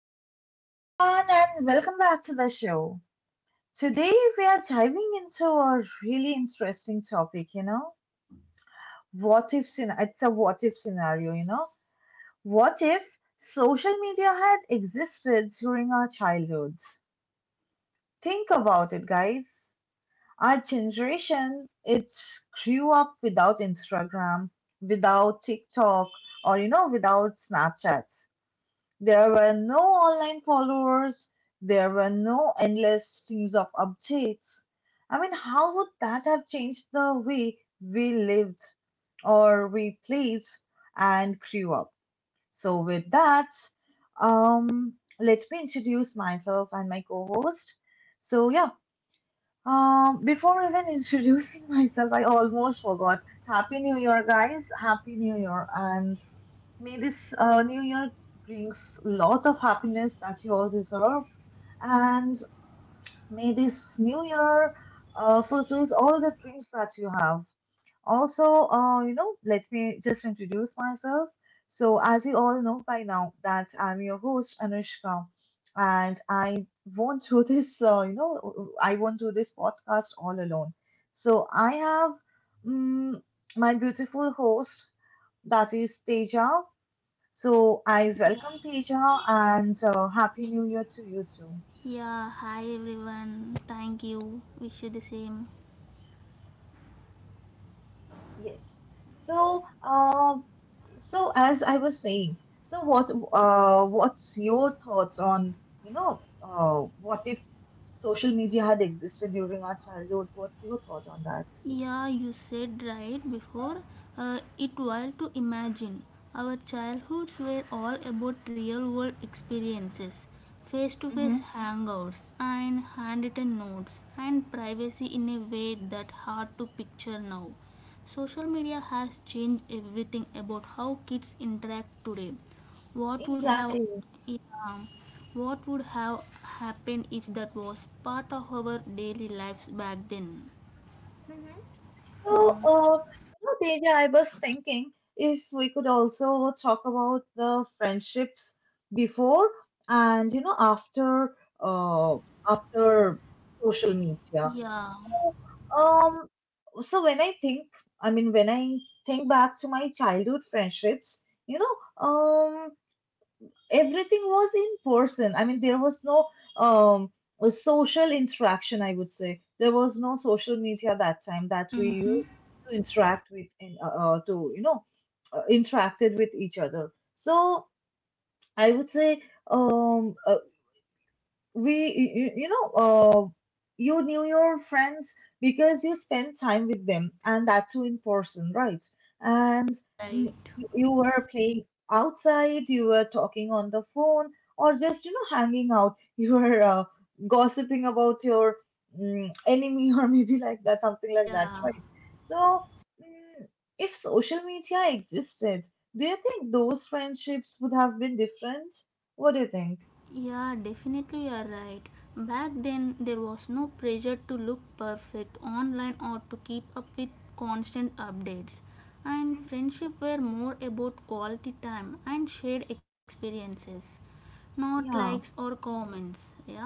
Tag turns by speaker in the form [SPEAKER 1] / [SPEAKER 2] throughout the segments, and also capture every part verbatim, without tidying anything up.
[SPEAKER 1] Hello, everyone, and welcome back to the show. Today, we are diving into a really interesting topic. You know, what if scen- it's a what if scenario. You know, what if social media had existed during our childhoods? Think about it, guys. Our generation it grew up without Instagram, without TikTok, or you know, without Snapchat. There were no online followers. There were no endless streams of updates. I mean, how would that have changed the way we lived or we played and grew up? So, with that, um, let me introduce myself and my co host. So, yeah, um, before even introducing myself, I almost forgot. Happy New Year, guys! Happy New Year, and may this uh, new year brings lots of happiness that you all deserve. And may this new year uh, fulfills all the dreams that you have. Also, uh, you know, let me just introduce myself. So, as you all know by now, that I'm your host Anushka, and I won't do this. Uh, you know, I won't do this podcast all alone. So, I have um my beautiful host, that is Teja. So I
[SPEAKER 2] Yeah,
[SPEAKER 1] welcome Teja and uh, Happy New Year to you too.
[SPEAKER 2] Yeah. Hi everyone. Thank you. Wish you the same.
[SPEAKER 1] Yes. So, uh, so as I was saying, so what, uh, what's your thoughts on, you know, uh, what if social media had existed during our childhood? What's your thought on that?
[SPEAKER 2] Yeah, you said right before. Uh, it wild to imagine. Our childhoods were all about real world experiences, face to face
[SPEAKER 1] Mm-hmm.
[SPEAKER 2] hangouts, and handwritten notes, and privacy in a way that hard to picture now. Social media has changed everything about how kids interact today. What would have
[SPEAKER 1] Exactly.
[SPEAKER 2] yeah, what would have happened if that was part of our daily lives back then?
[SPEAKER 1] So, uh, you know, Deja, I was thinking if we could also talk about the friendships before and you know after uh after social media.
[SPEAKER 2] Yeah.
[SPEAKER 1] Um, so when I think, I mean, when I think back to my childhood friendships, you know, um everything was in person. I mean, there was no um, a social interaction, I would say. There was no social media that time that we
[SPEAKER 2] Mm-hmm.
[SPEAKER 1] used to interact with and uh, uh, to, you know, uh, interacted with each other. So I would say um, uh, we you, you know uh, you knew your friends because you spent time with them, and that too in person, right? And
[SPEAKER 2] All
[SPEAKER 1] mm,
[SPEAKER 2] right.
[SPEAKER 1] you were playing outside, you were talking on the phone, or just you know hanging out. You were uh, gossiping about your mm, enemy or maybe like that, something like that,
[SPEAKER 2] Yeah.
[SPEAKER 1] right? So mm, if social media existed, do you think those friendships would have been different? What do you think?
[SPEAKER 2] Yeah, definitely you are right. Back then, there was no pressure to look perfect online or to keep up with constant updates. And
[SPEAKER 1] Mhm.
[SPEAKER 2] friendship were more about quality time and shared experiences, not likes
[SPEAKER 1] Yeah.
[SPEAKER 2] or comments. Yeah.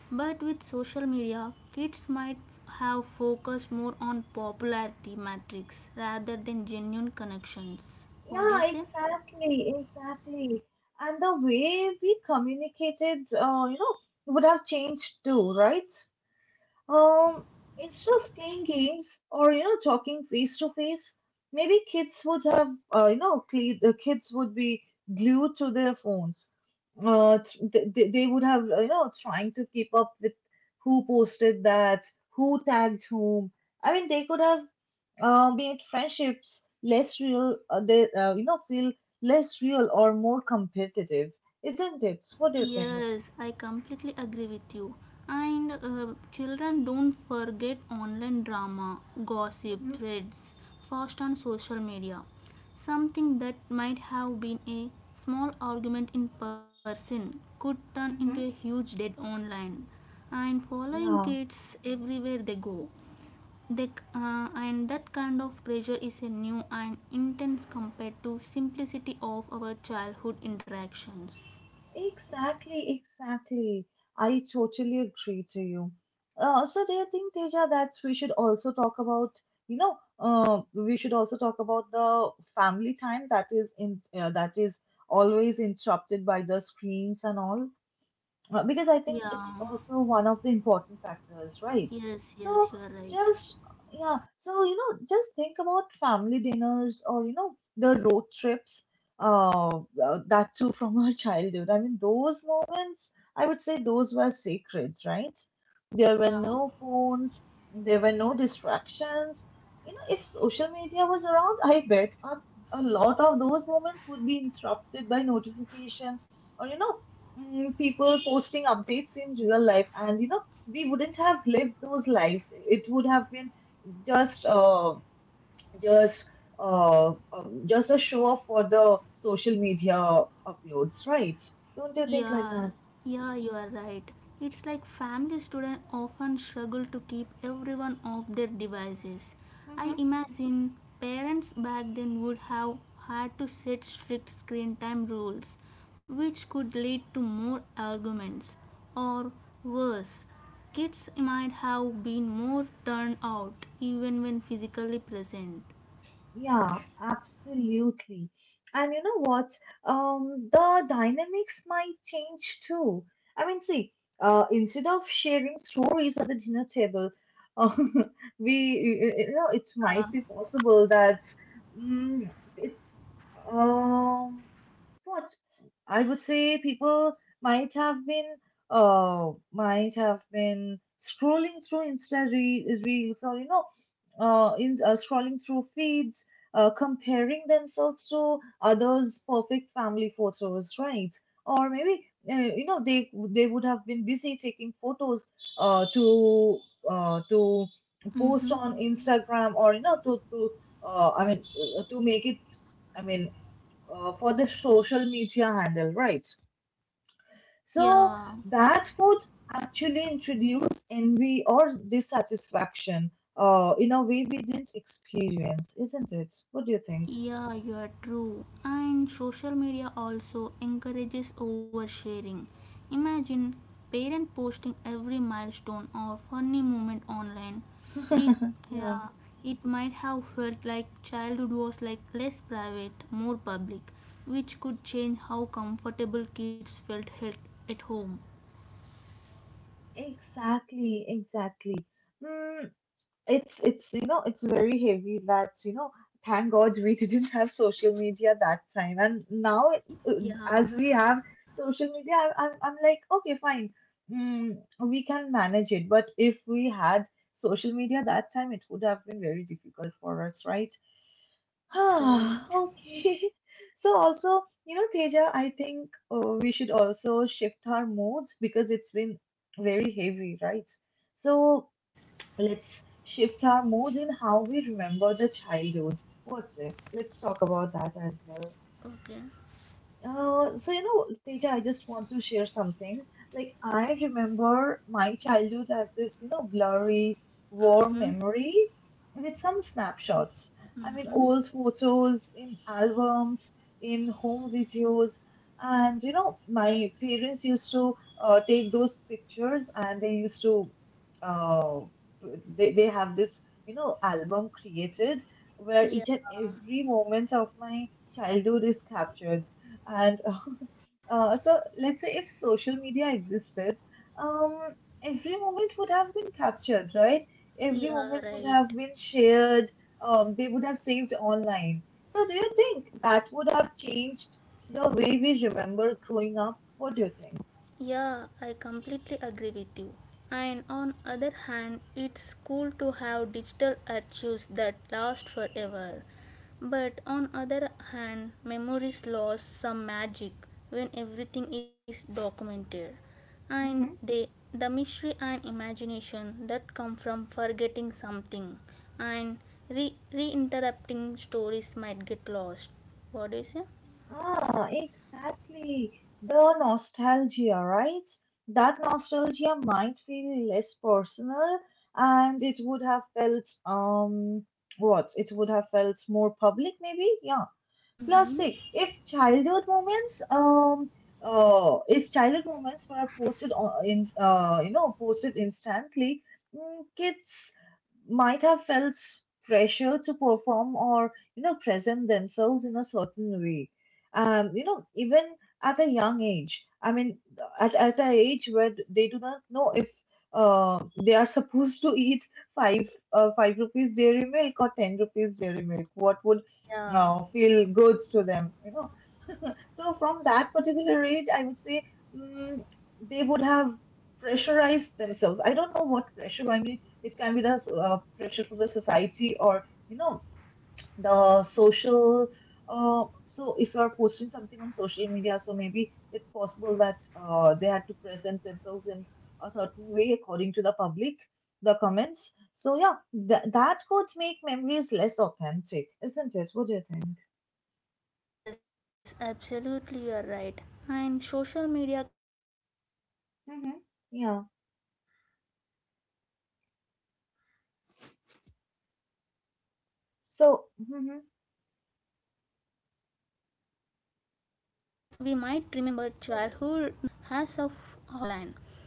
[SPEAKER 2] But with social media, kids might have focused more on popularity metrics rather than genuine connections. What do you
[SPEAKER 1] Yeah,
[SPEAKER 2] say?
[SPEAKER 1] exactly, exactly. And the way we communicated, uh, you know, would have changed too, right? Um, instead of playing games or you know talking face to face, maybe kids would have, uh, you know, cle- the kids would be glued to their phones. Uh, t- th- they they would have, uh, you know, trying to keep up with who posted that, who tagged whom. I mean, they could have uh, be friendships less real, uh, they uh, you know, feel less real or more competitive, isn't it? What do you think?
[SPEAKER 2] Yes, I completely agree with you. And uh, children don't forget online drama, gossip,
[SPEAKER 1] Hmm.
[SPEAKER 2] threads, fast on social media. Something that might have been a small argument in person could turn into a
[SPEAKER 1] Hmm.
[SPEAKER 2] huge debate online. And following
[SPEAKER 1] Yeah,
[SPEAKER 2] kids everywhere they go. They, c- uh, and that kind of pressure is a new and intense compared to simplicity of our childhood interactions.
[SPEAKER 1] exactly, exactly. I totally agree to you. Uh, so do you think, Teja, that we should also talk about you know uh, we should also talk about the family time that is in uh, that is always interrupted by the screens and all? Uh, because I think it's
[SPEAKER 2] Yeah.
[SPEAKER 1] also one of the important factors, right?
[SPEAKER 2] Yes,
[SPEAKER 1] So
[SPEAKER 2] yes, you are right.
[SPEAKER 1] just Yeah, so you know, just think about family dinners or you know the road trips, uh, uh, that too from our childhood. I mean, those moments, I would say those were sacred, right? There were
[SPEAKER 2] Yeah,
[SPEAKER 1] no phones, there were no distractions. You know, if social media was around, I bet a, a lot of those moments would be interrupted by notifications or you know, mm, people posting updates in real life, and you know we wouldn't have lived those lives. It would have been just uh just uh um, just a show off for the social media uploads, right? Don't you think
[SPEAKER 2] yeah,
[SPEAKER 1] like that?
[SPEAKER 2] yeah, you are right. It's like family students often struggle to keep everyone off their devices. I imagine parents back then would have had to set strict screen time rules, which could lead to more arguments. Or worse, kids might have been more turned out even when physically present.
[SPEAKER 1] Yeah, absolutely. And you know what? Um, the dynamics might change too. I mean, see, uh, instead of sharing stories at the dinner table, um, we, you you know, it might be possible that mm it's, um, what I would say people might have been, uh, might have been scrolling through Insta re- reels or, you know, uh, in uh, scrolling through feeds, uh, comparing themselves to others' perfect family photos, right? Or maybe uh, you know they they would have been busy taking photos uh, to uh, to post
[SPEAKER 2] Mm-hmm.
[SPEAKER 1] on Instagram, or you know, to to uh, I mean uh, to make it, I mean uh, for the social media handle, right? So
[SPEAKER 2] Yeah,
[SPEAKER 1] that would actually introduce envy or dissatisfaction uh, in a way we didn't experience, isn't it? What do you think?
[SPEAKER 2] Yeah, you are true. And social media also encourages oversharing. Imagine parent posting every milestone or funny moment online. It
[SPEAKER 1] Yeah,
[SPEAKER 2] yeah, it might have felt like childhood was like less private, more public, which could change how comfortable kids felt held at home.
[SPEAKER 1] exactly, exactly. Mm, it's it's you know it's very heavy. That's you know, thank god we didn't have social media that time. And now
[SPEAKER 2] Ye-
[SPEAKER 1] uh,
[SPEAKER 2] yeah,
[SPEAKER 1] as we have social media, I- i'm, I'm like, okay, fine, mm, we can manage it. But if we had social media that time, it would have been very difficult for us, right?
[SPEAKER 2] that's right.
[SPEAKER 1] Ah, okay. So also you know, Teja, I think uh, we should also shift our moods because it's been very heavy, right? So
[SPEAKER 2] Yes.
[SPEAKER 1] let's shift our mood in how we remember the childhood. What's it? Let's talk about that as well.
[SPEAKER 2] Okay.
[SPEAKER 1] Uh, so you know, Teja, I just want to share something. Like I remember my childhood as this, you know, blurry, warm
[SPEAKER 2] Mhm.
[SPEAKER 1] memory with some snapshots. I mean,
[SPEAKER 2] Mhm.
[SPEAKER 1] old photos in albums, in home videos, and you know, my parents used to uh, take those pictures, and they used to, uh, they they have this, you know, album created where
[SPEAKER 2] Yeah.
[SPEAKER 1] each and every moment of my childhood is captured. And uh, uh, so, let's say if social media existed, um, every moment would have been captured, right? Every
[SPEAKER 2] Yeah.
[SPEAKER 1] moment would
[SPEAKER 2] Right.
[SPEAKER 1] have been shared. Um, they would have saved online. So, do you think that would have changed the way we remember growing up? What do you think?
[SPEAKER 2] Yeah, I completely agree with you. And on other hand, it's cool to have digital archives that last forever. But on other hand, memories lose some magic when everything is documented. And they the mystery and imagination that come from forgetting something and re reinterrupting stories might get lost. What do you say?
[SPEAKER 1] Ah, exactly. The nostalgia, right? That nostalgia might feel less personal, and it would have felt, um, what? It would have felt more public, maybe? Yeah. Plus,
[SPEAKER 2] Mm-hmm.
[SPEAKER 1] see, if childhood moments, um, uh, if childhood moments were posted on, in, uh, you know, posted instantly, mm, kids might have felt pressure to perform or you know present themselves in a certain way, um you know, even at a young age. I mean, at, at a age where they do not know if uh, they are supposed to eat five uh, five rupees dairy milk or ten rupees dairy milk, what would, no,
[SPEAKER 2] Yeah,
[SPEAKER 1] feel goods to them, you know. So from that particular age, I would say mm, they would have pressurized themselves. I don't know what pressure. I mean, it can be the uh, pressure from the society or you know the social. Uh, so if you are posting something on social media, so maybe it's possible that uh, they had to present themselves in a certain way according to the public, the comments. So yeah, th- that could make memories less authentic, isn't it? What do you think?
[SPEAKER 2] Yes, absolutely, you're right. And social media can shape how we
[SPEAKER 1] Mm-hmm.
[SPEAKER 2] feel, recall
[SPEAKER 1] Yeah.
[SPEAKER 2] events by showing us curated highlights in Instagram. And we
[SPEAKER 1] So,
[SPEAKER 2] might
[SPEAKER 1] hmm,
[SPEAKER 2] remember childhood not as it was, but as of how it was presented online,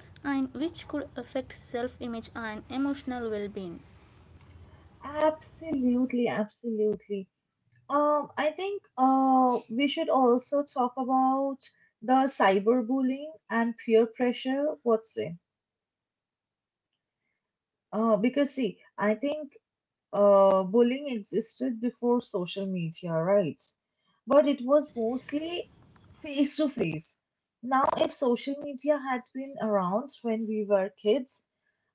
[SPEAKER 2] and which could affect self image and emotional well being.
[SPEAKER 1] absolutely, absolutely. Um, I think uh, we should also talk about the cyberbullying and peer pressure. What's it?
[SPEAKER 2] Yeah,
[SPEAKER 1] Uh, because see, I think Uh, bullying existed before social media, right? But it was
[SPEAKER 2] yes.
[SPEAKER 1] mostly face to face. Now, if social media had been around when we were kids,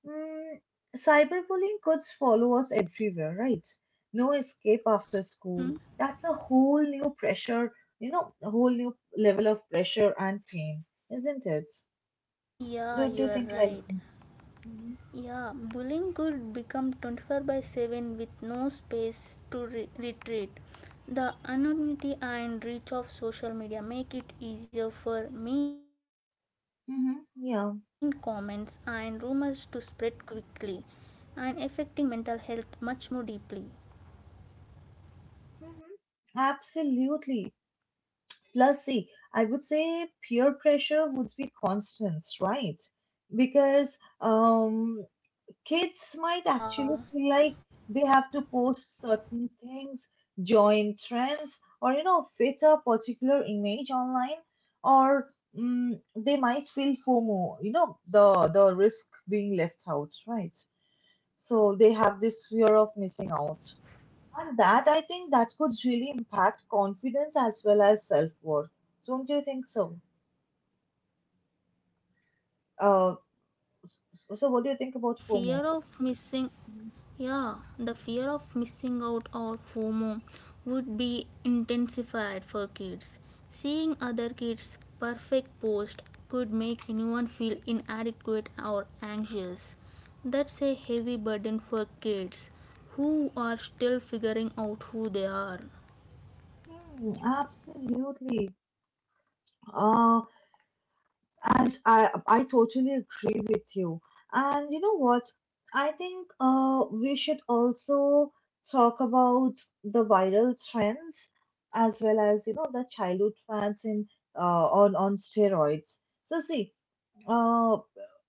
[SPEAKER 1] mm, cyberbullying could follow us everywhere, right? No escape after
[SPEAKER 2] Mhm.
[SPEAKER 1] school. That's a whole new pressure, you know, a whole new level of pressure and pain, isn't it?
[SPEAKER 2] Yeah,
[SPEAKER 1] Don't
[SPEAKER 2] you
[SPEAKER 1] you
[SPEAKER 2] are
[SPEAKER 1] think like
[SPEAKER 2] right.
[SPEAKER 1] that? Hmm.
[SPEAKER 2] Yeah, bullying could become twenty four by seven with no space to re- retreat. The anonymity and reach of social media make it easier for mean comments and
[SPEAKER 1] Hmm.
[SPEAKER 2] rumors to
[SPEAKER 1] Yeah.
[SPEAKER 2] spread quickly and affecting mental health much more deeply.
[SPEAKER 1] Hmm. Absolutely. Plus, see, I would say peer pressure would be constant, right? Because
[SPEAKER 2] Yeah,
[SPEAKER 1] um, kids might actually feel like they have to post certain things, join trends, or you know, fit a particular image online, or mm, they might feel FOMO, you know, the the risk being left out, right? So they have this fear of missing out. And that I think that could really impact confidence as well as self worth. Don't you think so?
[SPEAKER 2] yeah,
[SPEAKER 1] Uh,
[SPEAKER 2] exactly.
[SPEAKER 1] so what do you
[SPEAKER 2] The
[SPEAKER 1] think about
[SPEAKER 2] fear
[SPEAKER 1] FOMO?
[SPEAKER 2] of missing Yeah, the fear of missing out or FOMO would be intensified for kids. Seeing other kids' perfect post could make anyone feel inadequate or anxious. That's a heavy burden for kids who are still figuring out who they are.
[SPEAKER 1] Hmm, absolutely. Uh, and I I totally agree with you. And you know what? I think uh, we should also talk about the viral trends as well as you know the childhood fans in uh, on on steroids. So see, uh,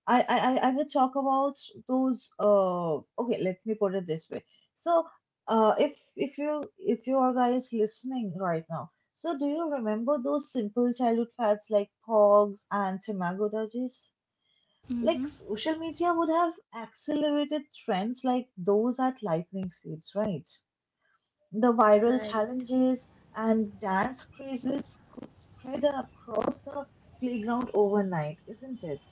[SPEAKER 1] I, I, I I will talk about those. Uh, okay, let me put it this way. So, uh, if if you if you are guys listening right now, so do you remember those simple childhood fads like pogs and tamago dodges?
[SPEAKER 2] Mm-hmm.
[SPEAKER 1] Like social media would have accelerated trends like those at lightning speeds, right? The
[SPEAKER 2] Ah,
[SPEAKER 1] viral
[SPEAKER 2] right.
[SPEAKER 1] challenges and dance crazes could spread across the playground overnight, isn't it?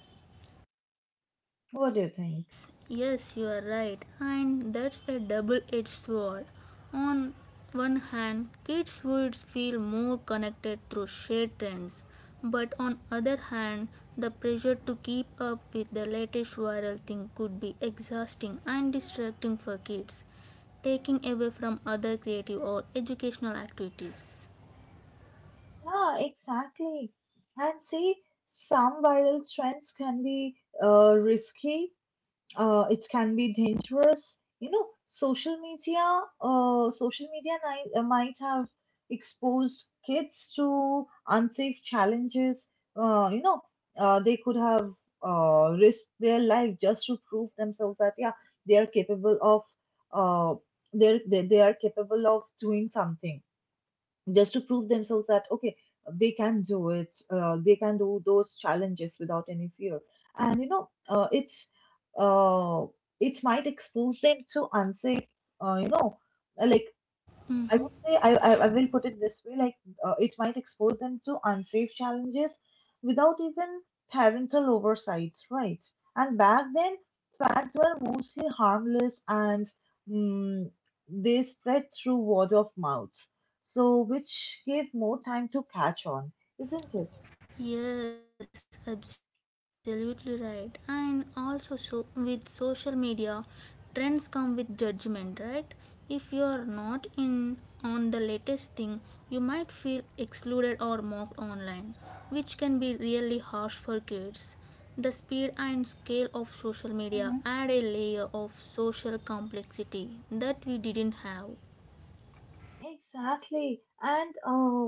[SPEAKER 1] What do you think?
[SPEAKER 2] Yes, yes, you are right, and that's a double edged sword. On one hand, kids would feel more connected through shared trends, but on other hand, the pressure to keep up with the latest viral thing could be exhausting and distracting for kids, taking away from other creative or educational activities.
[SPEAKER 1] Yeah, exactly. And see, some viral trends can be uh, risky. Uh, it can be dangerous. You know, social media, uh, social media might, uh, might have exposed kids to unsafe challenges. Uh, you know, uh, they could have uh, risked their life just to prove themselves that yeah, they are capable of uh, they're, they they are capable of doing something just to prove themselves that okay they can do it, uh, they can do those challenges without any fear. And you know, uh, it's uh, it might expose them to unsafe uh, you know like I would say I, I, I
[SPEAKER 2] Mhm.
[SPEAKER 1] will put it this way, like uh, it might expose them to unsafe challenges without even parental oversight, right? And back then, fads were mostly harmless and, mm, they spread through word of mouth, so which gave more time to catch on, isn't it?
[SPEAKER 2] Yes, absolutely right. And also, so with social media, trends come with judgment, right? If you are not in on the latest thing, you might feel excluded or mocked online, which can be really harsh for kids. The speed and scale of social
[SPEAKER 1] Mhm.
[SPEAKER 2] media add a layer of social complexity that we didn't have.
[SPEAKER 1] Exactly. And uh,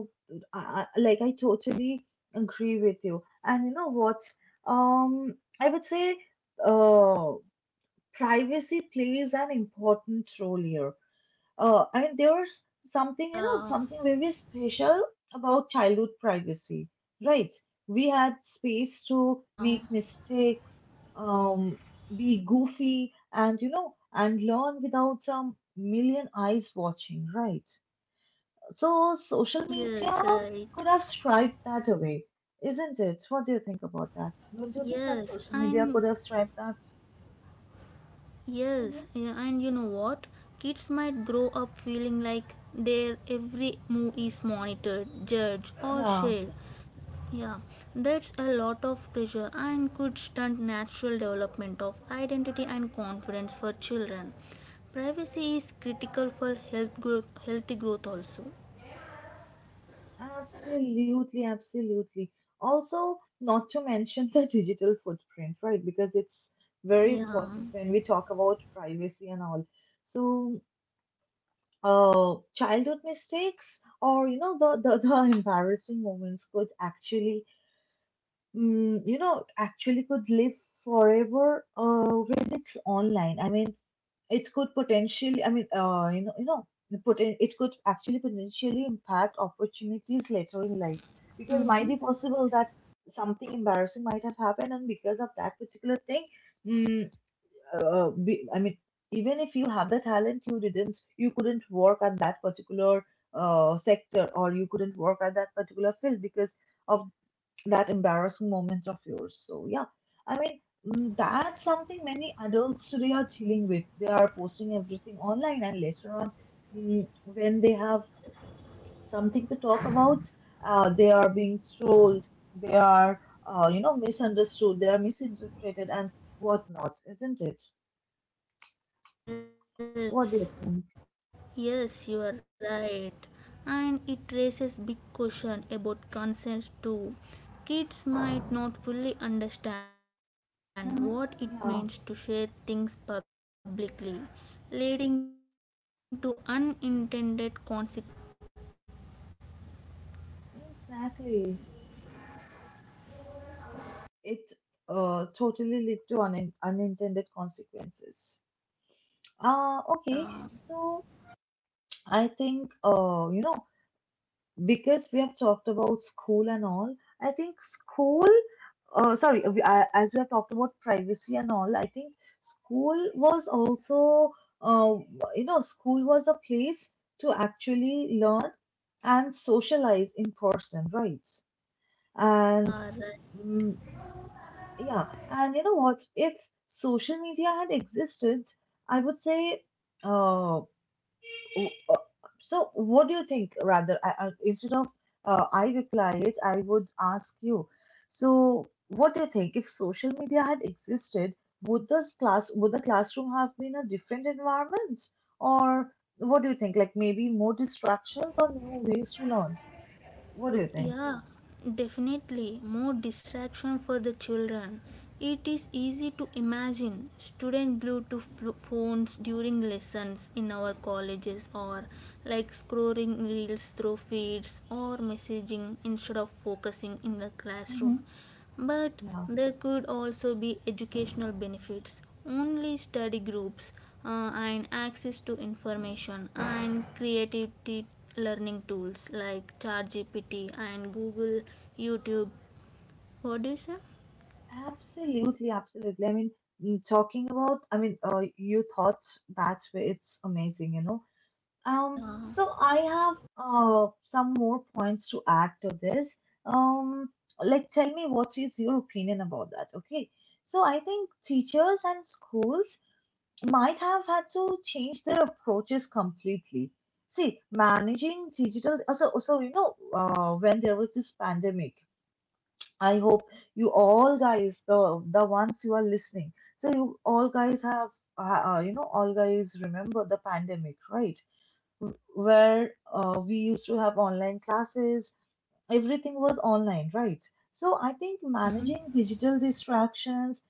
[SPEAKER 1] I, I- like I totally agree with you. And you know what? Um, I would say, uh, privacy plays an important role here. Uh, and there's something, you know,
[SPEAKER 2] Yeah,
[SPEAKER 1] something very special about childhood privacy, right? We had space to make
[SPEAKER 2] yeah,
[SPEAKER 1] mistakes, um, be goofy, and you know, and learn without a million eyes watching, right? So social
[SPEAKER 2] yes,
[SPEAKER 1] media
[SPEAKER 2] right.
[SPEAKER 1] could have striped that away, isn't it? What do you think about that? Don't you think that
[SPEAKER 2] Yes,
[SPEAKER 1] social media
[SPEAKER 2] and
[SPEAKER 1] could have striped that?
[SPEAKER 2] Yes,
[SPEAKER 1] Hmm.
[SPEAKER 2] yeah, and you know what? Kids might grow up feeling like their every move is monitored, judged, or
[SPEAKER 1] Yeah.
[SPEAKER 2] shared. Yeah, that's a lot of pressure and could stunt natural development of identity and confidence for children. Privacy is critical for health growth, healthy growth also.
[SPEAKER 1] Absolutely, absolutely. Also, not to mention the digital footprint, right? Because it's very important
[SPEAKER 2] Yeah.
[SPEAKER 1] when we talk about privacy and all. So, uh, childhood mistakes, or you know the the, the embarrassing moments could actually, mm, you know, actually could live forever, uh, when it's online. I mean, it could potentially, I mean, uh, you know, you know, the poten- it could actually potentially impact opportunities later in life, because might be
[SPEAKER 2] Mm.
[SPEAKER 1] possible that something embarrassing might have happened, and because of that particular thing, mm, uh, be, I mean, even if you have the talent, you didn't, you couldn't work at that particular uh, sector, or you couldn't work at that particular field because of that embarrassing moment of yours. So yeah, I mean, mm, that's something many adults today are dealing with. They are posting everything online, and later on, mm, when they have something to talk about, uh, they are being trolled. They are uh, you know misunderstood. They are misinterpreted and whatnot, isn't it?
[SPEAKER 2] Yes,
[SPEAKER 1] What do
[SPEAKER 2] yes,
[SPEAKER 1] you
[SPEAKER 2] you are
[SPEAKER 1] think?
[SPEAKER 2] right. And it raises big question about consent too. Kids might not fully understand what it means to share things publicly,
[SPEAKER 1] Mm-hmm. Yeah,
[SPEAKER 2] leading to unintended consequences and long-term regrets. What do you say?
[SPEAKER 1] exactly. It uh, totally lead to un unintended consequences. Ah,
[SPEAKER 2] Yeah,
[SPEAKER 1] okay, so I think, uh, you know, because we have talked about school and all, I think school, uh, sorry, uh, we- I- as we have talked about privacy and all, I think school was also, uh, you know, school was a place to actually learn and socialize in person, right?
[SPEAKER 2] yeah,
[SPEAKER 1] And,
[SPEAKER 2] right.
[SPEAKER 1] mm, yeah, and you know what? If social media had existed, I would say, uh, Oh, uh, so, what do you think? Rather, I, I, instead of uh, I reply it, I would ask you. So, what do you think? If social media had existed, would this class would the classroom have been a different environment? Or what do you think? Like maybe more distractions or new ways to learn? What do you think?
[SPEAKER 2] Yeah, definitely more distraction for the children. It is easy to imagine students glued to flo- phones during lessons in our colleges or like scrolling reels through feeds or messaging instead of focusing in the
[SPEAKER 1] Hmm.
[SPEAKER 2] classroom. But
[SPEAKER 1] Yeah,
[SPEAKER 2] there could also be educational benefits. Only study groups uh, and access to information and creativity learning tools like ChatGPT and Google, YouTube. What do you say?
[SPEAKER 1] absolutely, absolutely. I mean, mm, talking about, I mean, uh, you thought that way, it's amazing, you know. Um,
[SPEAKER 2] Yeah.
[SPEAKER 1] so I have uh, some more points to add to this. Um, like, tell me what is your opinion about that? Okay. So I think teachers and schools might have had to change their approaches completely. See, managing digital. uh, So, so you know, uh, when there was this pandemic, I hope you all guys, the the ones who are listening, so you all guys have, uh, uh, you know, all guys remember the pandemic, right? Where uh, we used to have online classes. Everything was online, right? So I think
[SPEAKER 2] Mm-hmm.
[SPEAKER 1] managing digital distractions,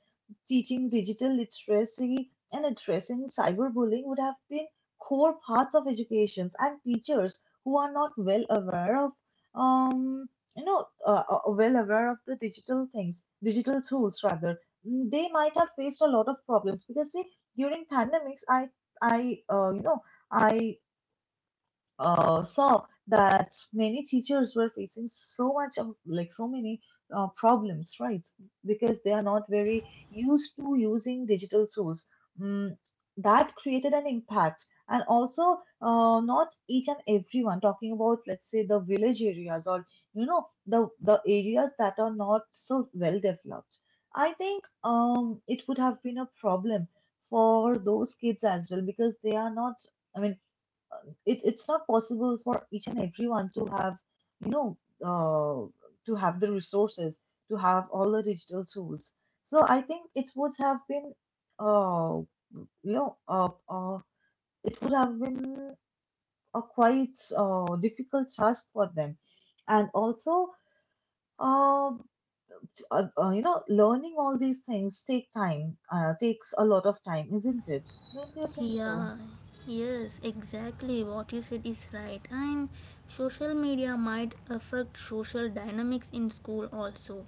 [SPEAKER 1] teaching digital literacy, and addressing cyberbullying would have been core parts of education. And teachers who are not well aware of, um, you know, uh, uh, well aware of the digital things, digital tools rather, mm, they might have faced a lot of problems because see, during pandemics, I, I, uh, you know. I uh, saw that many teachers were facing so much of like so many uh, problems, right? Because they are not very used to using digital tools. Mm, that created an impact. And also, uh, not each and everyone, talking about, let's say, the village areas or you know the the areas that are not so well developed. I think um, it would have been a problem for those kids as well because they are not. I mean, um, it, it's not possible for each and everyone to have you know uh, to have the resources, to have all the digital tools. So I think it would have been uh, you know uh, uh, it would have been a quite uh, difficult task for them. And also, um, t- uh, uh, you know, learning all these things take time, uh, takes a lot of time, isn't it? Don't you think so?
[SPEAKER 2] Yeah, yes, exactly what you said is right. And social media might affect social dynamics in school also.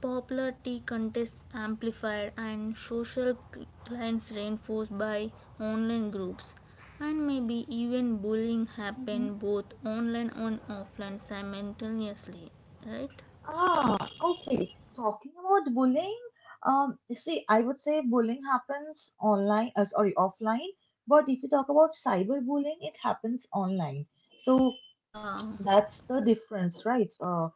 [SPEAKER 2] Popularity contest amplified and social cl- clients reinforced by online groups. And maybe even bullying happen both online and offline simultaneously, right?
[SPEAKER 1] Ah, okay. Talking about bullying, um, see, I would say bullying happens online, uh, sorry, offline. But if you talk about cyberbullying, it happens online. So
[SPEAKER 2] Yeah,
[SPEAKER 1] that's the difference, right? Uh,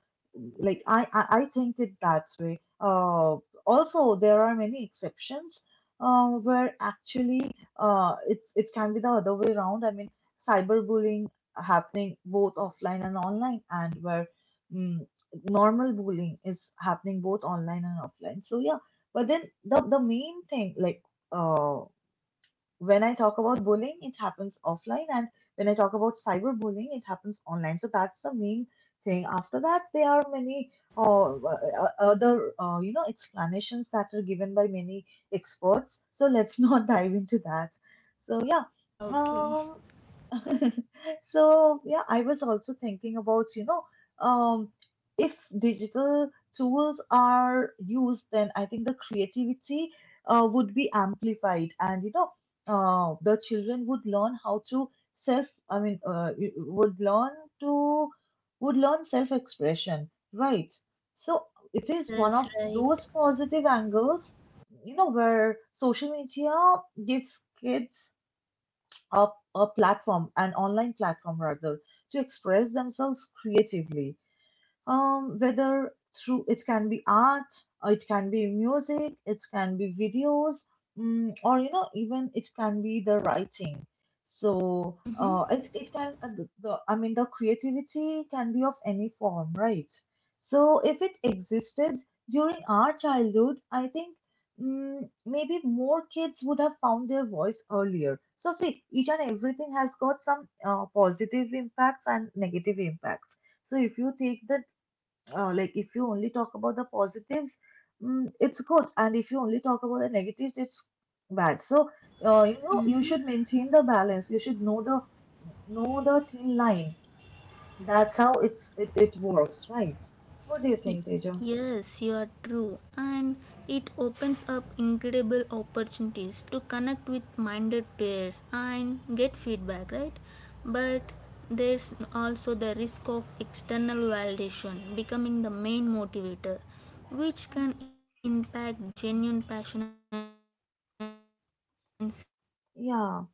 [SPEAKER 1] like I, I, I think it that way. Uh, also, there are many exceptions uh, where actually uh, it's it can be the other way around. I mean, cyberbullying happening both offline and online, and where, mm normal bullying is happening both online and offline. So yeah, but then the the main thing, like, uh, when I talk about bullying, it happens offline, and when I talk about cyberbullying, it happens online. So that's the main thing. After that, there are many uh, uh, uh, other uh, you know explanations that are given by many experts. So let's not dive into that. So yeah,
[SPEAKER 2] ah, okay.
[SPEAKER 1] um, so, yeah, I was also thinking about, you know, um, if digital tools are used, then I think the creativity uh, would be amplified, and you know, uh, the children would learn how to self, I mean, uh, y- would learn to would learn self-expression, right? So it is one of
[SPEAKER 2] Yes, right.
[SPEAKER 1] those positive angles, you know, where social media gives kids a, a platform, an online platform rather, to express themselves creatively, um, whether through, it can be art, or it can be music, it can be videos, mm, or you know, even it can be the writing. So
[SPEAKER 2] Mm-hmm.
[SPEAKER 1] uh, it, it can, uh, the, the- I mean, the creativity can be of any form, right? So if it existed during our childhood, I think, mm, maybe more kids would have found their voice earlier. So see, each and everything has got some uh, positive impacts and negative impacts. So if you take the uh, like if you only talk about the positives, mm, it's good, and if you only talk about the negatives, it's bad. So uh, you know you should maintain the balance, you should know the know the thin line. That's how it's it, it works, right? What do you
[SPEAKER 2] Y-
[SPEAKER 1] think, Teja?
[SPEAKER 2] Yes, you are true, and it opens up incredible opportunities to connect with minded peers and get feedback, right? But there's also the risk of external validation becoming the main motivator, which
[SPEAKER 1] Mhm.
[SPEAKER 2] can impact genuine passion and self worth.
[SPEAKER 1] Yeah,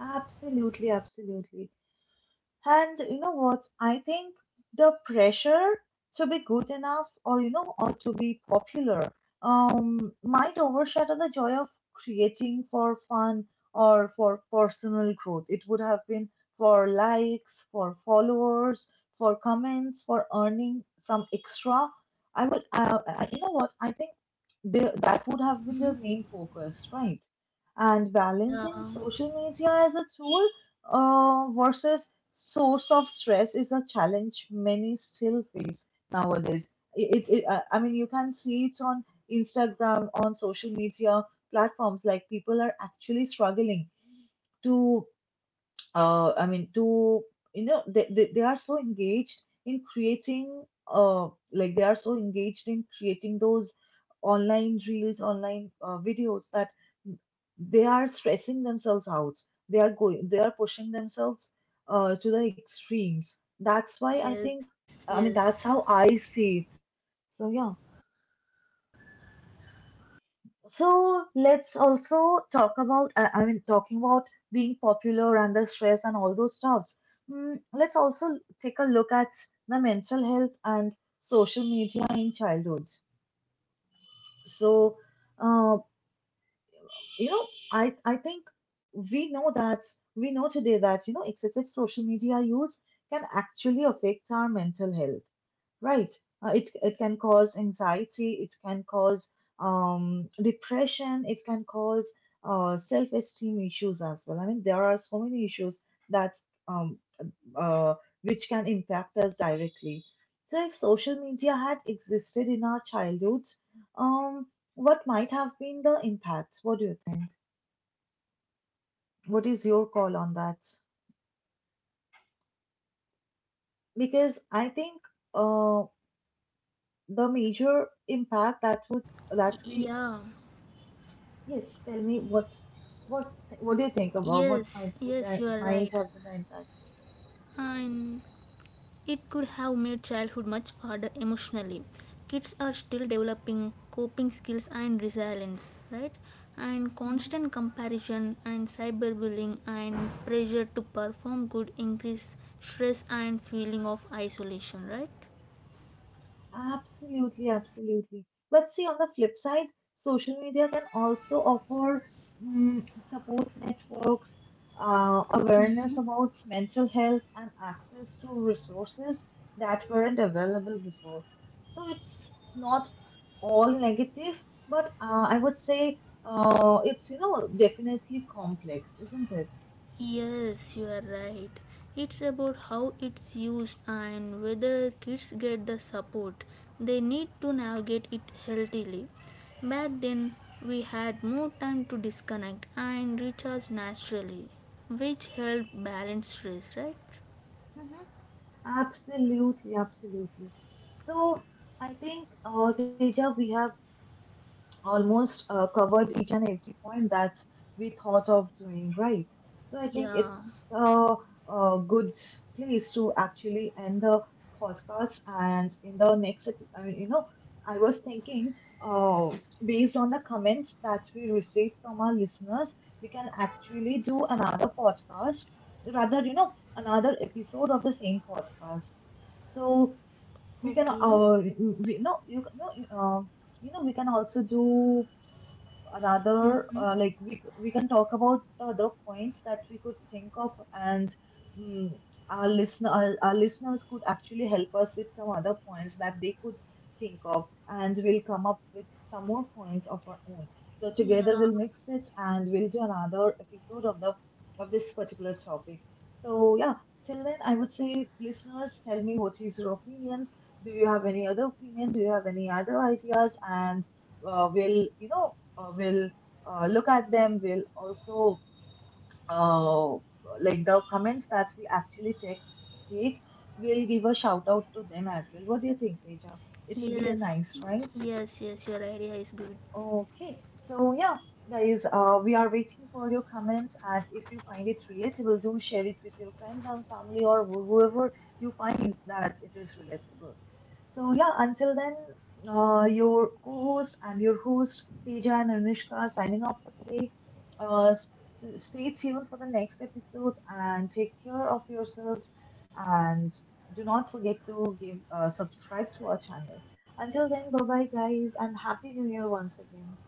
[SPEAKER 1] absolutely, absolutely. And you know what? I think the pressure to be good enough, or you know, or to be popular, um, might overshadow the joy of creating for fun or for personal growth. It would have been for likes, for followers, for comments, for earning some extra. I would, uh, I, you know what? I think they, that would have been their
[SPEAKER 2] Mhm.
[SPEAKER 1] main focus, right? And balancing
[SPEAKER 2] Yeah,
[SPEAKER 1] social media as a tool uh, versus source of stress is a challenge many still face nowadays. It, it, it- uh, I mean, you can see it on Instagram, on social media platforms, like people are actually struggling to uh, I mean, to you know, they, they, they are so engaged in creating, uh, like they are so engaged in creating those online reels, online uh, videos, that they are stressing themselves out. They are going, they are pushing themselves uh, to the extremes. That's why I
[SPEAKER 2] yes,
[SPEAKER 1] think, I
[SPEAKER 2] yes.
[SPEAKER 1] mean, that's how I see it. So yeah, so let's also talk about, I I mean, talking about being popular and the stress and all those stuffs. Mm, let's also take a look at the mental health and social media in childhood. So, uh, you know, I, I think we know that, we know today that, you know, excessive social media use can actually affect our mental health, right? Uh, it it can cause anxiety, it can cause um, depression, it can cause uh, self-esteem issues as well. I mean, there are so many issues that um, uh, which can impact us directly. So, if social media had
[SPEAKER 2] Mm-hmm.
[SPEAKER 1] existed in our childhood, um, what might have been the impact? What do you think? What is your call on that? Because I think, uh, the major impact
[SPEAKER 2] Yeah,
[SPEAKER 1] that would that we Yes, tell me what. what
[SPEAKER 2] yes,
[SPEAKER 1] what do
[SPEAKER 2] yes,
[SPEAKER 1] you
[SPEAKER 2] you
[SPEAKER 1] think
[SPEAKER 2] are
[SPEAKER 1] about
[SPEAKER 2] right.
[SPEAKER 1] what might would that might have been the impact?
[SPEAKER 2] And It could have made childhood much harder emotionally. Kids are still developing coping skills and resilience, right? And
[SPEAKER 1] Hmm.
[SPEAKER 2] constant comparison and cyberbullying and pressure to perform could increase stress and feeling of isolation, right?
[SPEAKER 1] Absolutely, absolutely. But see, on the flip side, social media can also offer, mm, support networks, uh, awareness about mental health, and access to resources that weren't available before. So it's not all negative, but uh, I would say uh, it's you know definitely complex, isn't it?
[SPEAKER 2] Yes, you are right. It's about how it's used and whether kids get the support they need to navigate it healthily. Back then, we had more time to disconnect and recharge naturally, which helped balance stress, right?
[SPEAKER 1] Absolutely, absolutely. So I think, uh, Teja, we have almost uh, covered each and every point that we thought of doing, right. So I think
[SPEAKER 2] Yeah,
[SPEAKER 1] it's a, a good place to actually end the podcast. And in the next, ep- I mean, you know, I was thinking, uh, based on the comments that we received from our listeners, we can actually do another podcast, rather, you know, another episode of the same podcast. So we can
[SPEAKER 2] okay.
[SPEAKER 1] uh we no you can- no you, uh, you know we can also do s- another, uh, like we c- we can talk about the other points that we could think of. And, mm our listener our, our listeners could actually help us with some other points that they could think of, and we'll come up with some more points of our own. So together
[SPEAKER 2] Yeah,
[SPEAKER 1] we'll mix it and we'll do another episode of the of this particular topic. So yeah, till then, I would say, listeners, tell me what is your opinions. Do you have any other opinion? Do you have any other ideas? And uh, we'll, you know, uh, we'll uh, look at them. We'll also uh, like the comments that we actually take take. We'll give a shout out to them as well. What do you think, Teja? It will be a
[SPEAKER 2] yes,
[SPEAKER 1] nice, right?
[SPEAKER 2] yes, yes, your idea is good.
[SPEAKER 1] Okay, so yeah, guys, uh, we are waiting for your comments, and if you find it relatable, do share it with your friends and family, or wh- whoever you find that it is relatable. So yeah, until then, uh, your co-host and your host Teja and Anushka signing off for today. Uh, s- s- Stay tuned for the next episode and take care of yourself, and do not forget to give uh, subscribe to our channel. Until then, bye bye, guys, and Happy New Year once again.